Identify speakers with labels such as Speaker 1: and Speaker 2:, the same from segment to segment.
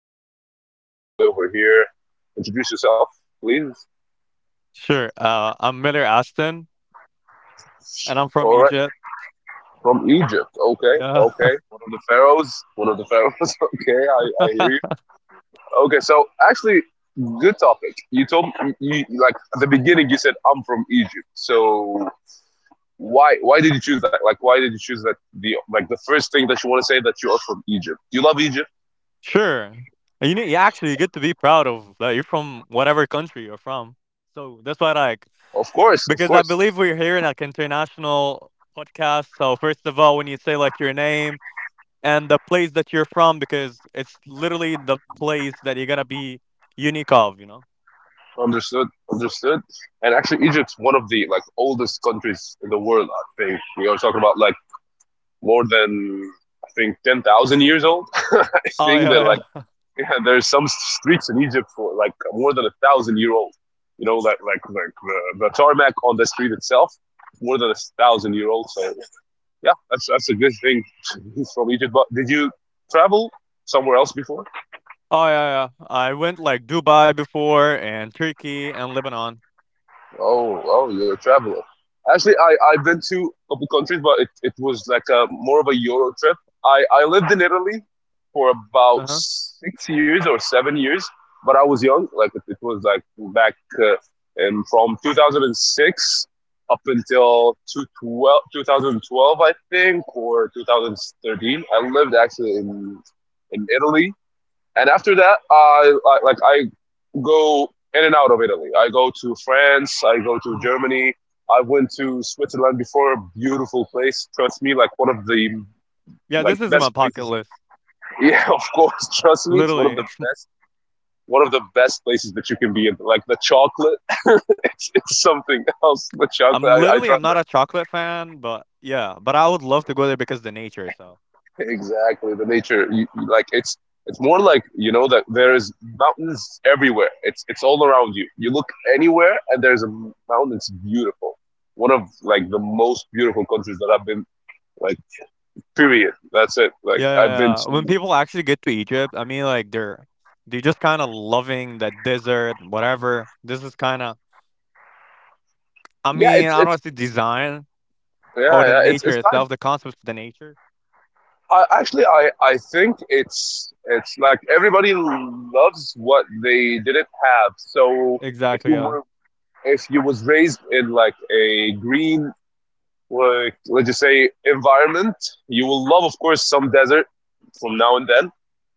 Speaker 1: speaking, and I got my boy over here. Introduce yourself, please.
Speaker 2: Sure. I'm Miller Aston, and I'm from
Speaker 1: All right.
Speaker 2: Egypt.
Speaker 1: From Egypt. Okay.
Speaker 2: Yeah.
Speaker 1: Okay. One of the pharaohs. One of the pharaohs. Okay. I hear you. Okay. So, actually, good topic. You told me, you, like, at the beginning, you said, I'm from Egypt. So, why did you choose that? Like, why did you choose that? The Like, the first thing that you want to say that you are from Egypt. You love Egypt?
Speaker 2: Sure. And You need, you actually get to be proud of that you're from whatever country you're from. So that's
Speaker 1: Of
Speaker 2: why I
Speaker 1: course.
Speaker 2: like,
Speaker 1: Of course.
Speaker 2: because I believe we're here in like international podcast. So first of all, when you say like your name and the place that you're from, because it's literally the place that you're gonna be unique of.
Speaker 1: Understood, understood. And actually, Egypt's one of the, like, oldest countries in the world. I think we are talking about, like, more than, I think, 10,000 years old. I
Speaker 2: Oh,
Speaker 1: think that, like,
Speaker 2: yeah, yeah.
Speaker 1: yeah, there's some streets in Egypt for like more than a thousand year old. You know, like the tarmac on the street itself, more than a thousand year old. So yeah, that's a good thing from Egypt. But did you travel somewhere else before?
Speaker 2: Oh, yeah, yeah. I went like Dubai before and Turkey and Lebanon.
Speaker 1: Oh, you're a traveler. Actually, I've been to a couple countries, but it was like a more of a Euro trip. I lived in Italy for about
Speaker 2: Uh huh.
Speaker 1: 6 years or 7 years, but I was young. Like it was like back uh, in, from 2006 up until 2012, I think, or 2013. I lived actually in Italy, and after that, I go in and out of Italy. I go to France. I go to Germany. I went to Switzerland before. Beautiful place. Trust me, like one of the,
Speaker 2: Yeah,
Speaker 1: like,
Speaker 2: this is in my
Speaker 1: best
Speaker 2: pocket
Speaker 1: places.
Speaker 2: list.
Speaker 1: Yeah, of course. Trust me, it's one
Speaker 2: Literally,
Speaker 1: of the
Speaker 2: it's
Speaker 1: best. One of the best places that you can be in. Like the chocolate, it's something else. The chocolate. I tried.
Speaker 2: I'm not a chocolate fan, but yeah, but I would love to go there because the nature itself.
Speaker 1: Exactly, the nature, like it's more like you know that there is mountains everywhere. It's all around you. You look anywhere, and there's a mountain. It's beautiful. One of like the most beautiful countries that I've been like. Period. That's it. Like
Speaker 2: Yeah,
Speaker 1: I've been
Speaker 2: yeah, yeah. When
Speaker 1: to.
Speaker 2: people actually get to Egypt, I mean, like they're just kind of loving that desert, whatever. This is kind of, I
Speaker 1: Yeah,
Speaker 2: mean,
Speaker 1: it's
Speaker 2: I don't
Speaker 1: it's
Speaker 2: want to say design or
Speaker 1: yeah,
Speaker 2: the
Speaker 1: yeah, it's
Speaker 2: nature
Speaker 1: it's kind.
Speaker 2: itself, the concept of the nature.
Speaker 1: Actually, I think it's like everybody loves what they didn't have. So if
Speaker 2: Exactly.
Speaker 1: you
Speaker 2: Yeah.
Speaker 1: were if you was raised in, like, a green, like, let's just say, environment. You will love, of course, some desert from now and then,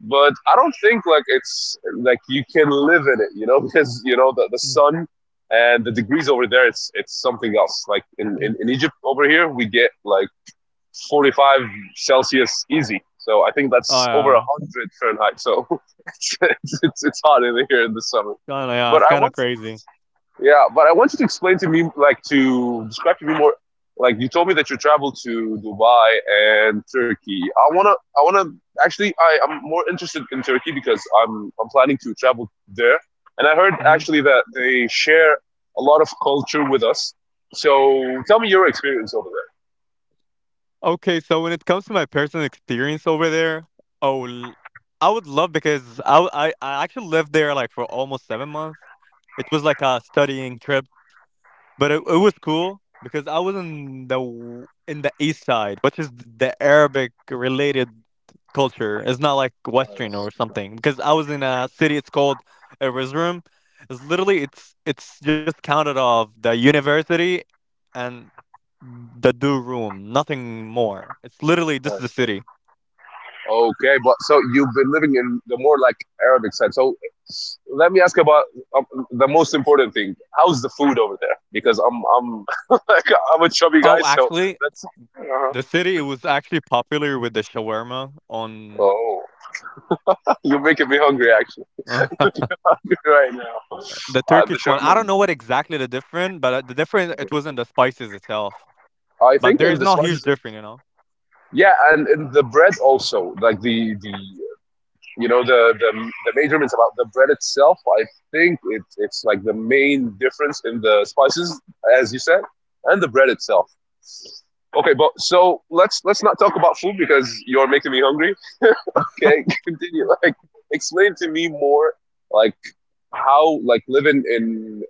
Speaker 1: but I don't think like it's like you can live in it, because you know the
Speaker 2: Mm,
Speaker 1: sun and the degrees over there. It's something else. Like in, in,
Speaker 2: mm.
Speaker 1: in Egypt over here, we get like 45 Celsius easy. So I think
Speaker 2: Oh,
Speaker 1: that's over
Speaker 2: yeah.
Speaker 1: 100 Fahrenheit. So it's, it's hot in here in the summer.
Speaker 2: Kinda, yeah,
Speaker 1: But
Speaker 2: it's
Speaker 1: I
Speaker 2: kind of
Speaker 1: want.
Speaker 2: crazy.
Speaker 1: Yeah, but I want you to explain to me, like, to describe to me more. Like, you told me that you traveled to Dubai and Turkey. I wanna, I wanna. Actually, I am more interested in Turkey because I'm planning to travel there, and I heard
Speaker 2: Hmm.
Speaker 1: actually that they share a lot of culture with us. So tell me your experience over
Speaker 2: Okay, so when it comes to my personal experience over there, oh, l- I would love because I, w- I actually lived there like for almost 7 months. It was like a studying trip, but it was cool because I was in in the east side, which is the Arabic related culture. It's not like
Speaker 1: there.
Speaker 2: Western or something because I was in a city. It's called Erzurum. It's literally it's just counted off the university and the do room, nothing more. It's literally
Speaker 1: Uh,
Speaker 2: this is the city.
Speaker 1: Okay, but so you've been living in the more like Arabic side. So let me ask about um, the most important thing. How's the food over there? Because I'm like, I'm a chubby guy,
Speaker 2: Oh,
Speaker 1: so
Speaker 2: actually,
Speaker 1: that's. Uh-huh.
Speaker 2: the city it was actually popular with the shawarma on
Speaker 1: Oh, you're making me hungry actually
Speaker 2: the
Speaker 1: right now. The
Speaker 2: Turkish one.
Speaker 1: shawarma.
Speaker 2: I don't know what exactly the difference, but the difference
Speaker 1: is-
Speaker 2: it wasn't the spices itself.
Speaker 1: I
Speaker 2: But
Speaker 1: think
Speaker 2: there
Speaker 1: in
Speaker 2: is
Speaker 1: the
Speaker 2: no huge
Speaker 1: spices.
Speaker 2: difference.
Speaker 1: Yeah, and in the bread also, like the you know the measurements about the bread itself, I think it's like the main difference in the spices as you said, and the bread itself. Okay, but so let's not talk about food because you're making me hungry okay, continue, like, explain to me more, like, how, like, living in,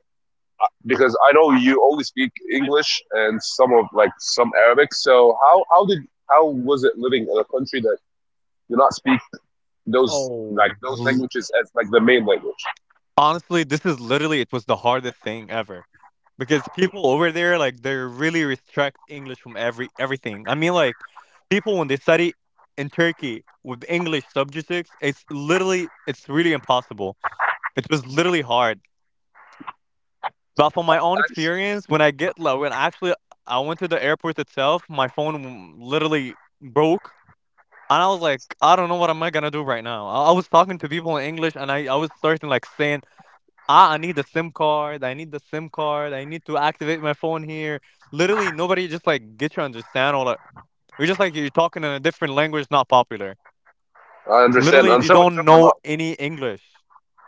Speaker 1: because I know you only speak English and some of, like, some Arabic. So, how did, how was it living in a country that you're not speaking those, like,
Speaker 2: Oh,
Speaker 1: those
Speaker 2: l
Speaker 1: languages as like the main language.
Speaker 2: Honestly, this is literally it was the hardest thing ever because people over there like they really restrict English from everything. I mean, like people when they study in Turkey with English subjects, it's literally it's really impossible. It was literally hard. But from my own
Speaker 1: Actually,
Speaker 2: experience, when actually I went to the airport itself, my phone literally broke. And I was like, I don't know what am I gonna do right now. I was talking to people in English, and I was starting like saying, "Ah, I need the SIM card, I need the SIM card, I need to activate my phone here." Literally, nobody just, like, get you understand all that. You're just like you're talking in a different language not popular.
Speaker 1: I understand.
Speaker 2: Literally,
Speaker 1: I
Speaker 2: they
Speaker 1: understand what
Speaker 2: don't
Speaker 1: you're talking
Speaker 2: know
Speaker 1: about.
Speaker 2: any English.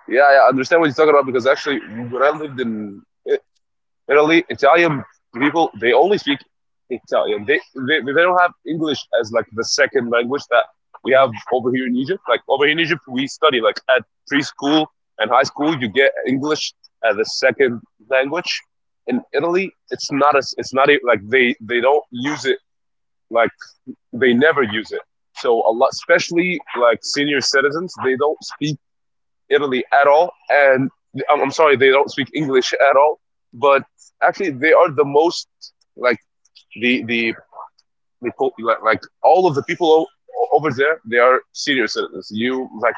Speaker 1: Yeah, yeah, I understand what you're talking about because actually, when I lived in Italy, Italian people, they only speak Italian. They don't have English as like the second language that we have
Speaker 2: Uh-huh.
Speaker 1: over here in Egypt. Like over here in Egypt, we study like at preschool and high school, you get English as a second language. In Italy, it's not as it's not a, like they don't use it, like they never use it. So a lot, especially like senior citizens, they don't speak Italy at all, and sorry, they don't speak English at all. But actually, they are the most, like, the the, the, like, all of the people over there, they are senior citizens. You like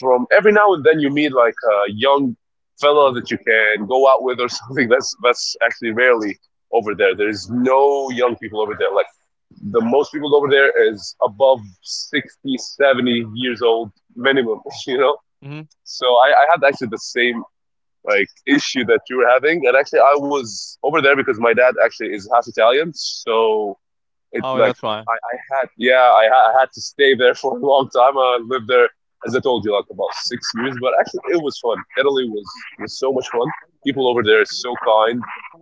Speaker 1: from every now and then, you meet like a young fella that
Speaker 2: Um,
Speaker 1: you can go out with or something. That's actually rarely over there. There's no young people over there. Like the most people over there is above 60, 70 years old minimum. you know
Speaker 2: mhm.
Speaker 1: so, I had actually the same like issue that you were having, and actually I was over there because my dad actually is half Italian, so it
Speaker 2: Oh,
Speaker 1: like,
Speaker 2: that's why.
Speaker 1: I had, yeah, I had to stay there for a long time. I lived there as I told you like about 6 years, but actually it was fun. Italy was so much fun. People over there are so kind,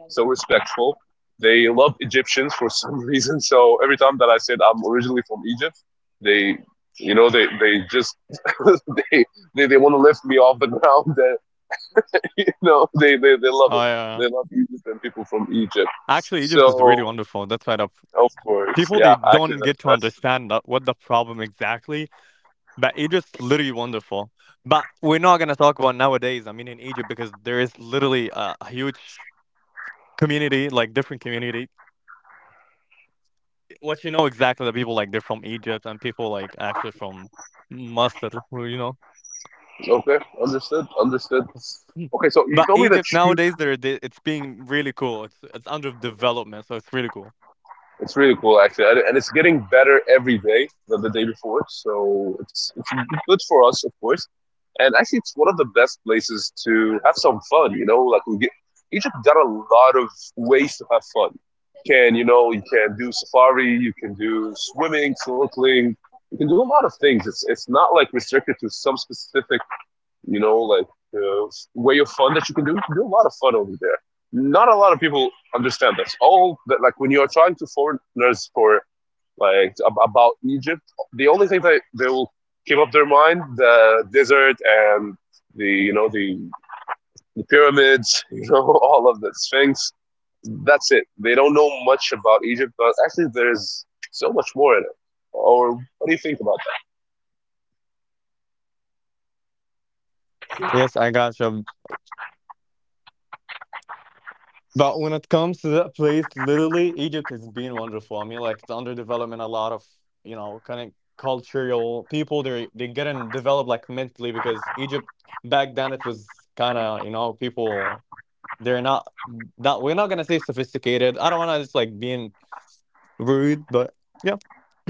Speaker 1: so respectful. They love Egyptians for some reason. So every time that I said I'm originally from Egypt, they they just they they want to lift me off the ground. And they love
Speaker 2: Oh,
Speaker 1: it.
Speaker 2: yeah. Yeah.
Speaker 1: They love Egypt and people from Egypt.
Speaker 2: Actually, Egypt is really
Speaker 1: So
Speaker 2: wonderful. That's why
Speaker 1: of course.
Speaker 2: people,
Speaker 1: Yeah,
Speaker 2: they
Speaker 1: actually,
Speaker 2: don't
Speaker 1: that,
Speaker 2: get to
Speaker 1: that's
Speaker 2: understand that, what the problem exactly, but Egypt's literally wonderful. But we're not going to talk about nowadays, I mean, in Egypt, because there is literally a huge community, like different community what you know exactly the people like they're from Egypt and people like actually from Masr, who.
Speaker 1: okay. Understood. Understood.
Speaker 2: Mm.
Speaker 1: Okay, so you
Speaker 2: But
Speaker 1: told me that
Speaker 2: Egypt
Speaker 1: you,
Speaker 2: nowadays, it's being really cool. It's under development, so it's really cool.
Speaker 1: it's really cool actually, and it's getting better every day than the day before. So it's good for us, of course. And actually, it's one of the best places to have some fun, you know, like we get, Egypt got a lot of ways to have fun. You can do safari, you can do swimming, snorkeling, you can do a lot of things. It's not like restricted to some specific. Like the way of fun that you can do. You can do a lot of fun over there. Not a lot of people understand this. All that, like when you are trying to foreigners for like about Egypt, the only thing that they will keep up their mind, the desert and the you know the, the pyramids, all of the Sphinx. That's it. They don't know much about Egypt, but actually there's so much more in it. Or what do you think about
Speaker 2: See? Yes, I gotcha. But when it comes to that place, literally Egypt is being wonderful. I mean, like it's under development. A lot of kind of cultural people they getting developed like mentally because Egypt back then it was kind of people they're not, that we're not gonna say sophisticated. I don't want to just like being rude, but yeah.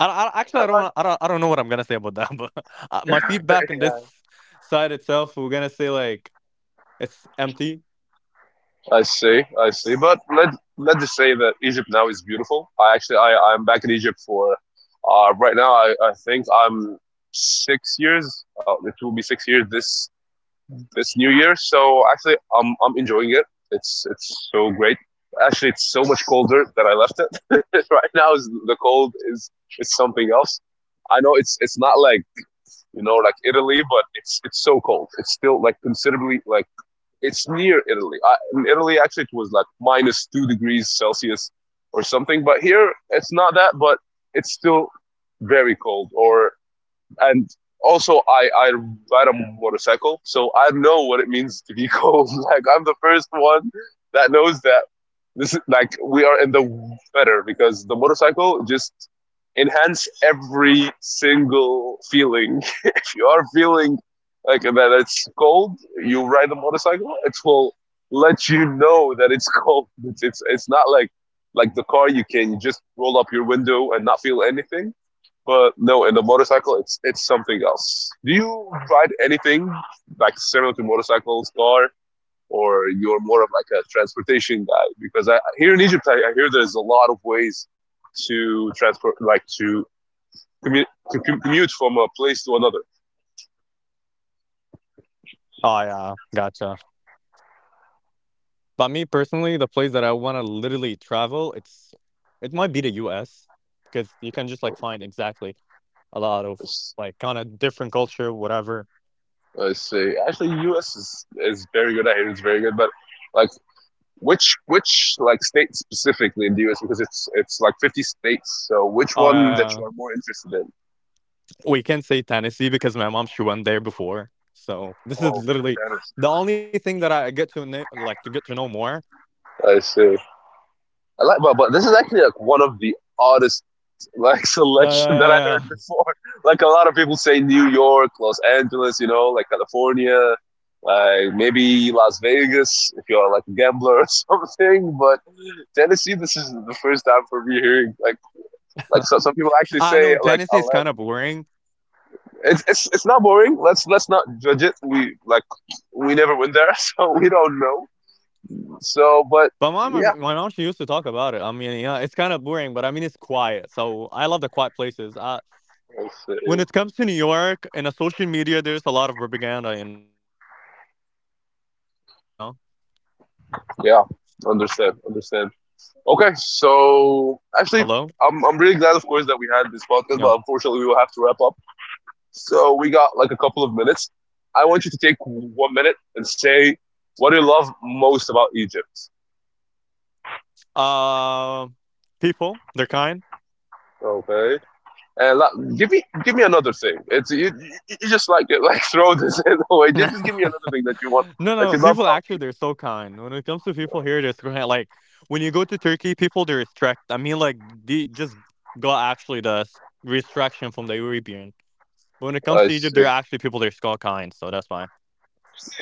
Speaker 2: I, I
Speaker 1: that?
Speaker 2: actually I don't know what I'm gonna say about that, but my feedback on
Speaker 1: Yeah,
Speaker 2: this side itself, we're gonna say like it's empty.
Speaker 1: I see, I see. But let's just say that Egypt now is beautiful. I actually I I'm back in Egypt for right now. I think I'm 6 years. It will be 6 years this new year. So actually I'm enjoying it. It's so great. Actually, it's so much colder that I left it. Right now, is the cold is something else. I know it's not like like Italy, but it's so cold. It's still like considerably like it's near Italy. In Italy, actually, it was like minus 2 degrees Celsius or something. But here, it's not that, but it's still very cold. Or and also, I ride a motorcycle, so I know what it means to be cold. Like I'm the first one that knows that this is like we are in the better because the motorcycle just enhance every single feeling. If you are feeling like that it's cold, you ride the motorcycle. It will let you know that it's cold. It's not like the car you can just roll up your window and not feel anything. But no, in the motorcycle, it's something else. Do you ride anything like similar to motorcycles, car? Or you're more of like a transportation guy? Because here in Egypt, I hear there's a lot of ways to transport, like to commute from a place to another.
Speaker 2: Oh, yeah, gotcha. But me personally, the place that I want to literally travel, it might be the U.S. because you can just like find exactly a lot of like kind of different culture, whatever.
Speaker 1: I see. Actually, U.S. is very good. I hear it's very good, but like which like state specifically in the U.S. because it's like 50 states. So which one that
Speaker 2: Uh,
Speaker 1: you are more interested in?
Speaker 2: we can say Tennessee because my mom she went there before. So this is
Speaker 1: Oh,
Speaker 2: literally the only thing that I get to know, like to get to know more.
Speaker 1: that is I see. I like, but this is actually like one of the oddest, like,
Speaker 2: Yeah, yeah,
Speaker 1: selection that I heard
Speaker 2: yeah,
Speaker 1: before. Like a lot of people say New York, Los Angeles, like California, like maybe Las Vegas if you're like a gambler or something. But Tennessee, this is the first time for me hearing like,
Speaker 2: yeah.
Speaker 1: so, some people
Speaker 2: I
Speaker 1: actually
Speaker 2: know
Speaker 1: say
Speaker 2: Tennessee
Speaker 1: like
Speaker 2: is kind of
Speaker 1: Atlanta.
Speaker 2: boring,
Speaker 1: It's not boring. Let's not judge it. We never went there, so we don't know. So, but
Speaker 2: but my mom,
Speaker 1: yeah,
Speaker 2: my mom, she used to talk about it. I mean, yeah, it's kind of boring, but I mean, it's quiet. So I love the quiet places. When it comes to New York and the social media, there's a lot of propaganda. You know,
Speaker 1: yeah, understand, understand.
Speaker 2: hello,
Speaker 1: Okay, so actually, I'm
Speaker 2: no,
Speaker 1: really glad, of course, that we had this podcast, but unfortunately, we will have to wrap up. So we got like a couple of minutes. I want you to take 1 minute and say what you love most about Egypt.
Speaker 2: uh, people, they're kind.
Speaker 1: Okay, and like, give me another thing. It's you just like like throw this in away.
Speaker 2: No,
Speaker 1: Just give me another thing that you want that
Speaker 2: no,
Speaker 1: you love
Speaker 2: people actually,
Speaker 1: about.
Speaker 2: they're so kind. When it comes to people here, they're so kind. Like when you go to Turkey, people they're restrict. I mean, like they just got actually restriction from the European. But when it
Speaker 1: Egypt.
Speaker 2: comes
Speaker 1: I
Speaker 2: to Egypt, there
Speaker 1: see.
Speaker 2: are actually people that are skull kind, so that's fine.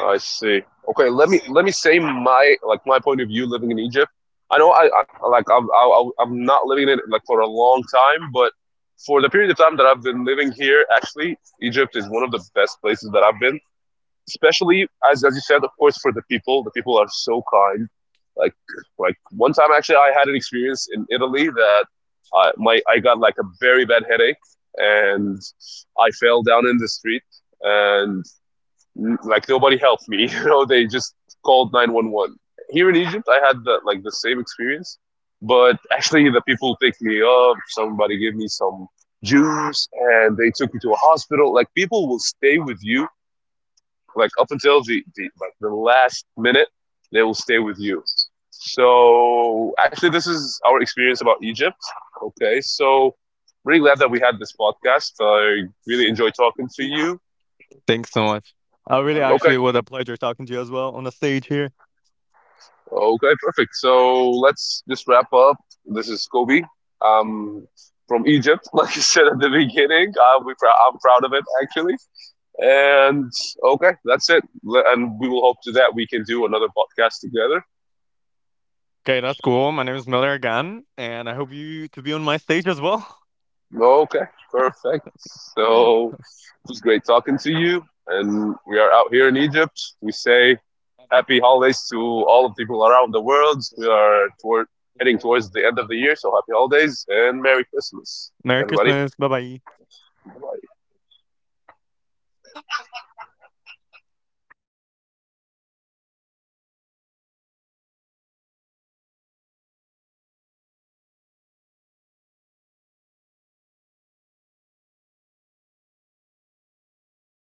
Speaker 1: I see. Okay, let me say my point of view living in Egypt. I know I'm not living in it like for a long time, but for the period of time that I've been living here, actually, Egypt is one of the best places that I've been. Especially as you said, of course, for the people. The people are so kind. Like like one time actually, I had an experience in Italy that my I got like a very bad headache, and I fell down in the street, and like nobody helped me. They just called 911. Here in Egypt, I had the same experience, but actually the people picked me up. Somebody gave me some juice, and they took me to a hospital. Like people will stay with you, like up until the last minute, they will stay with you. So actually, this is our experience about Egypt. Okay, so really glad that we had this podcast. I really enjoyed talking to you.
Speaker 2: Thanks so much. I really
Speaker 1: Okay.
Speaker 2: actually was a pleasure talking to you as well on the stage here.
Speaker 1: Okay, perfect. So let's just wrap up. This is Kobe. Um, from Egypt, like you said at the beginning. I'm proud of it, actually. And okay, that's it. And we will hope to that we can do another podcast together.
Speaker 2: Okay, that's cool. My name is Miller again, and I hope you to be on my stage as well.
Speaker 1: Okay, perfect. So it was great talking to you. And we are out here in Egypt. We say happy holidays to all the people around the world. We are heading towards the end of the year, so happy holidays and Merry Christmas,
Speaker 2: Merry
Speaker 1: everybody.
Speaker 2: Christmas. Bye bye.
Speaker 1: I've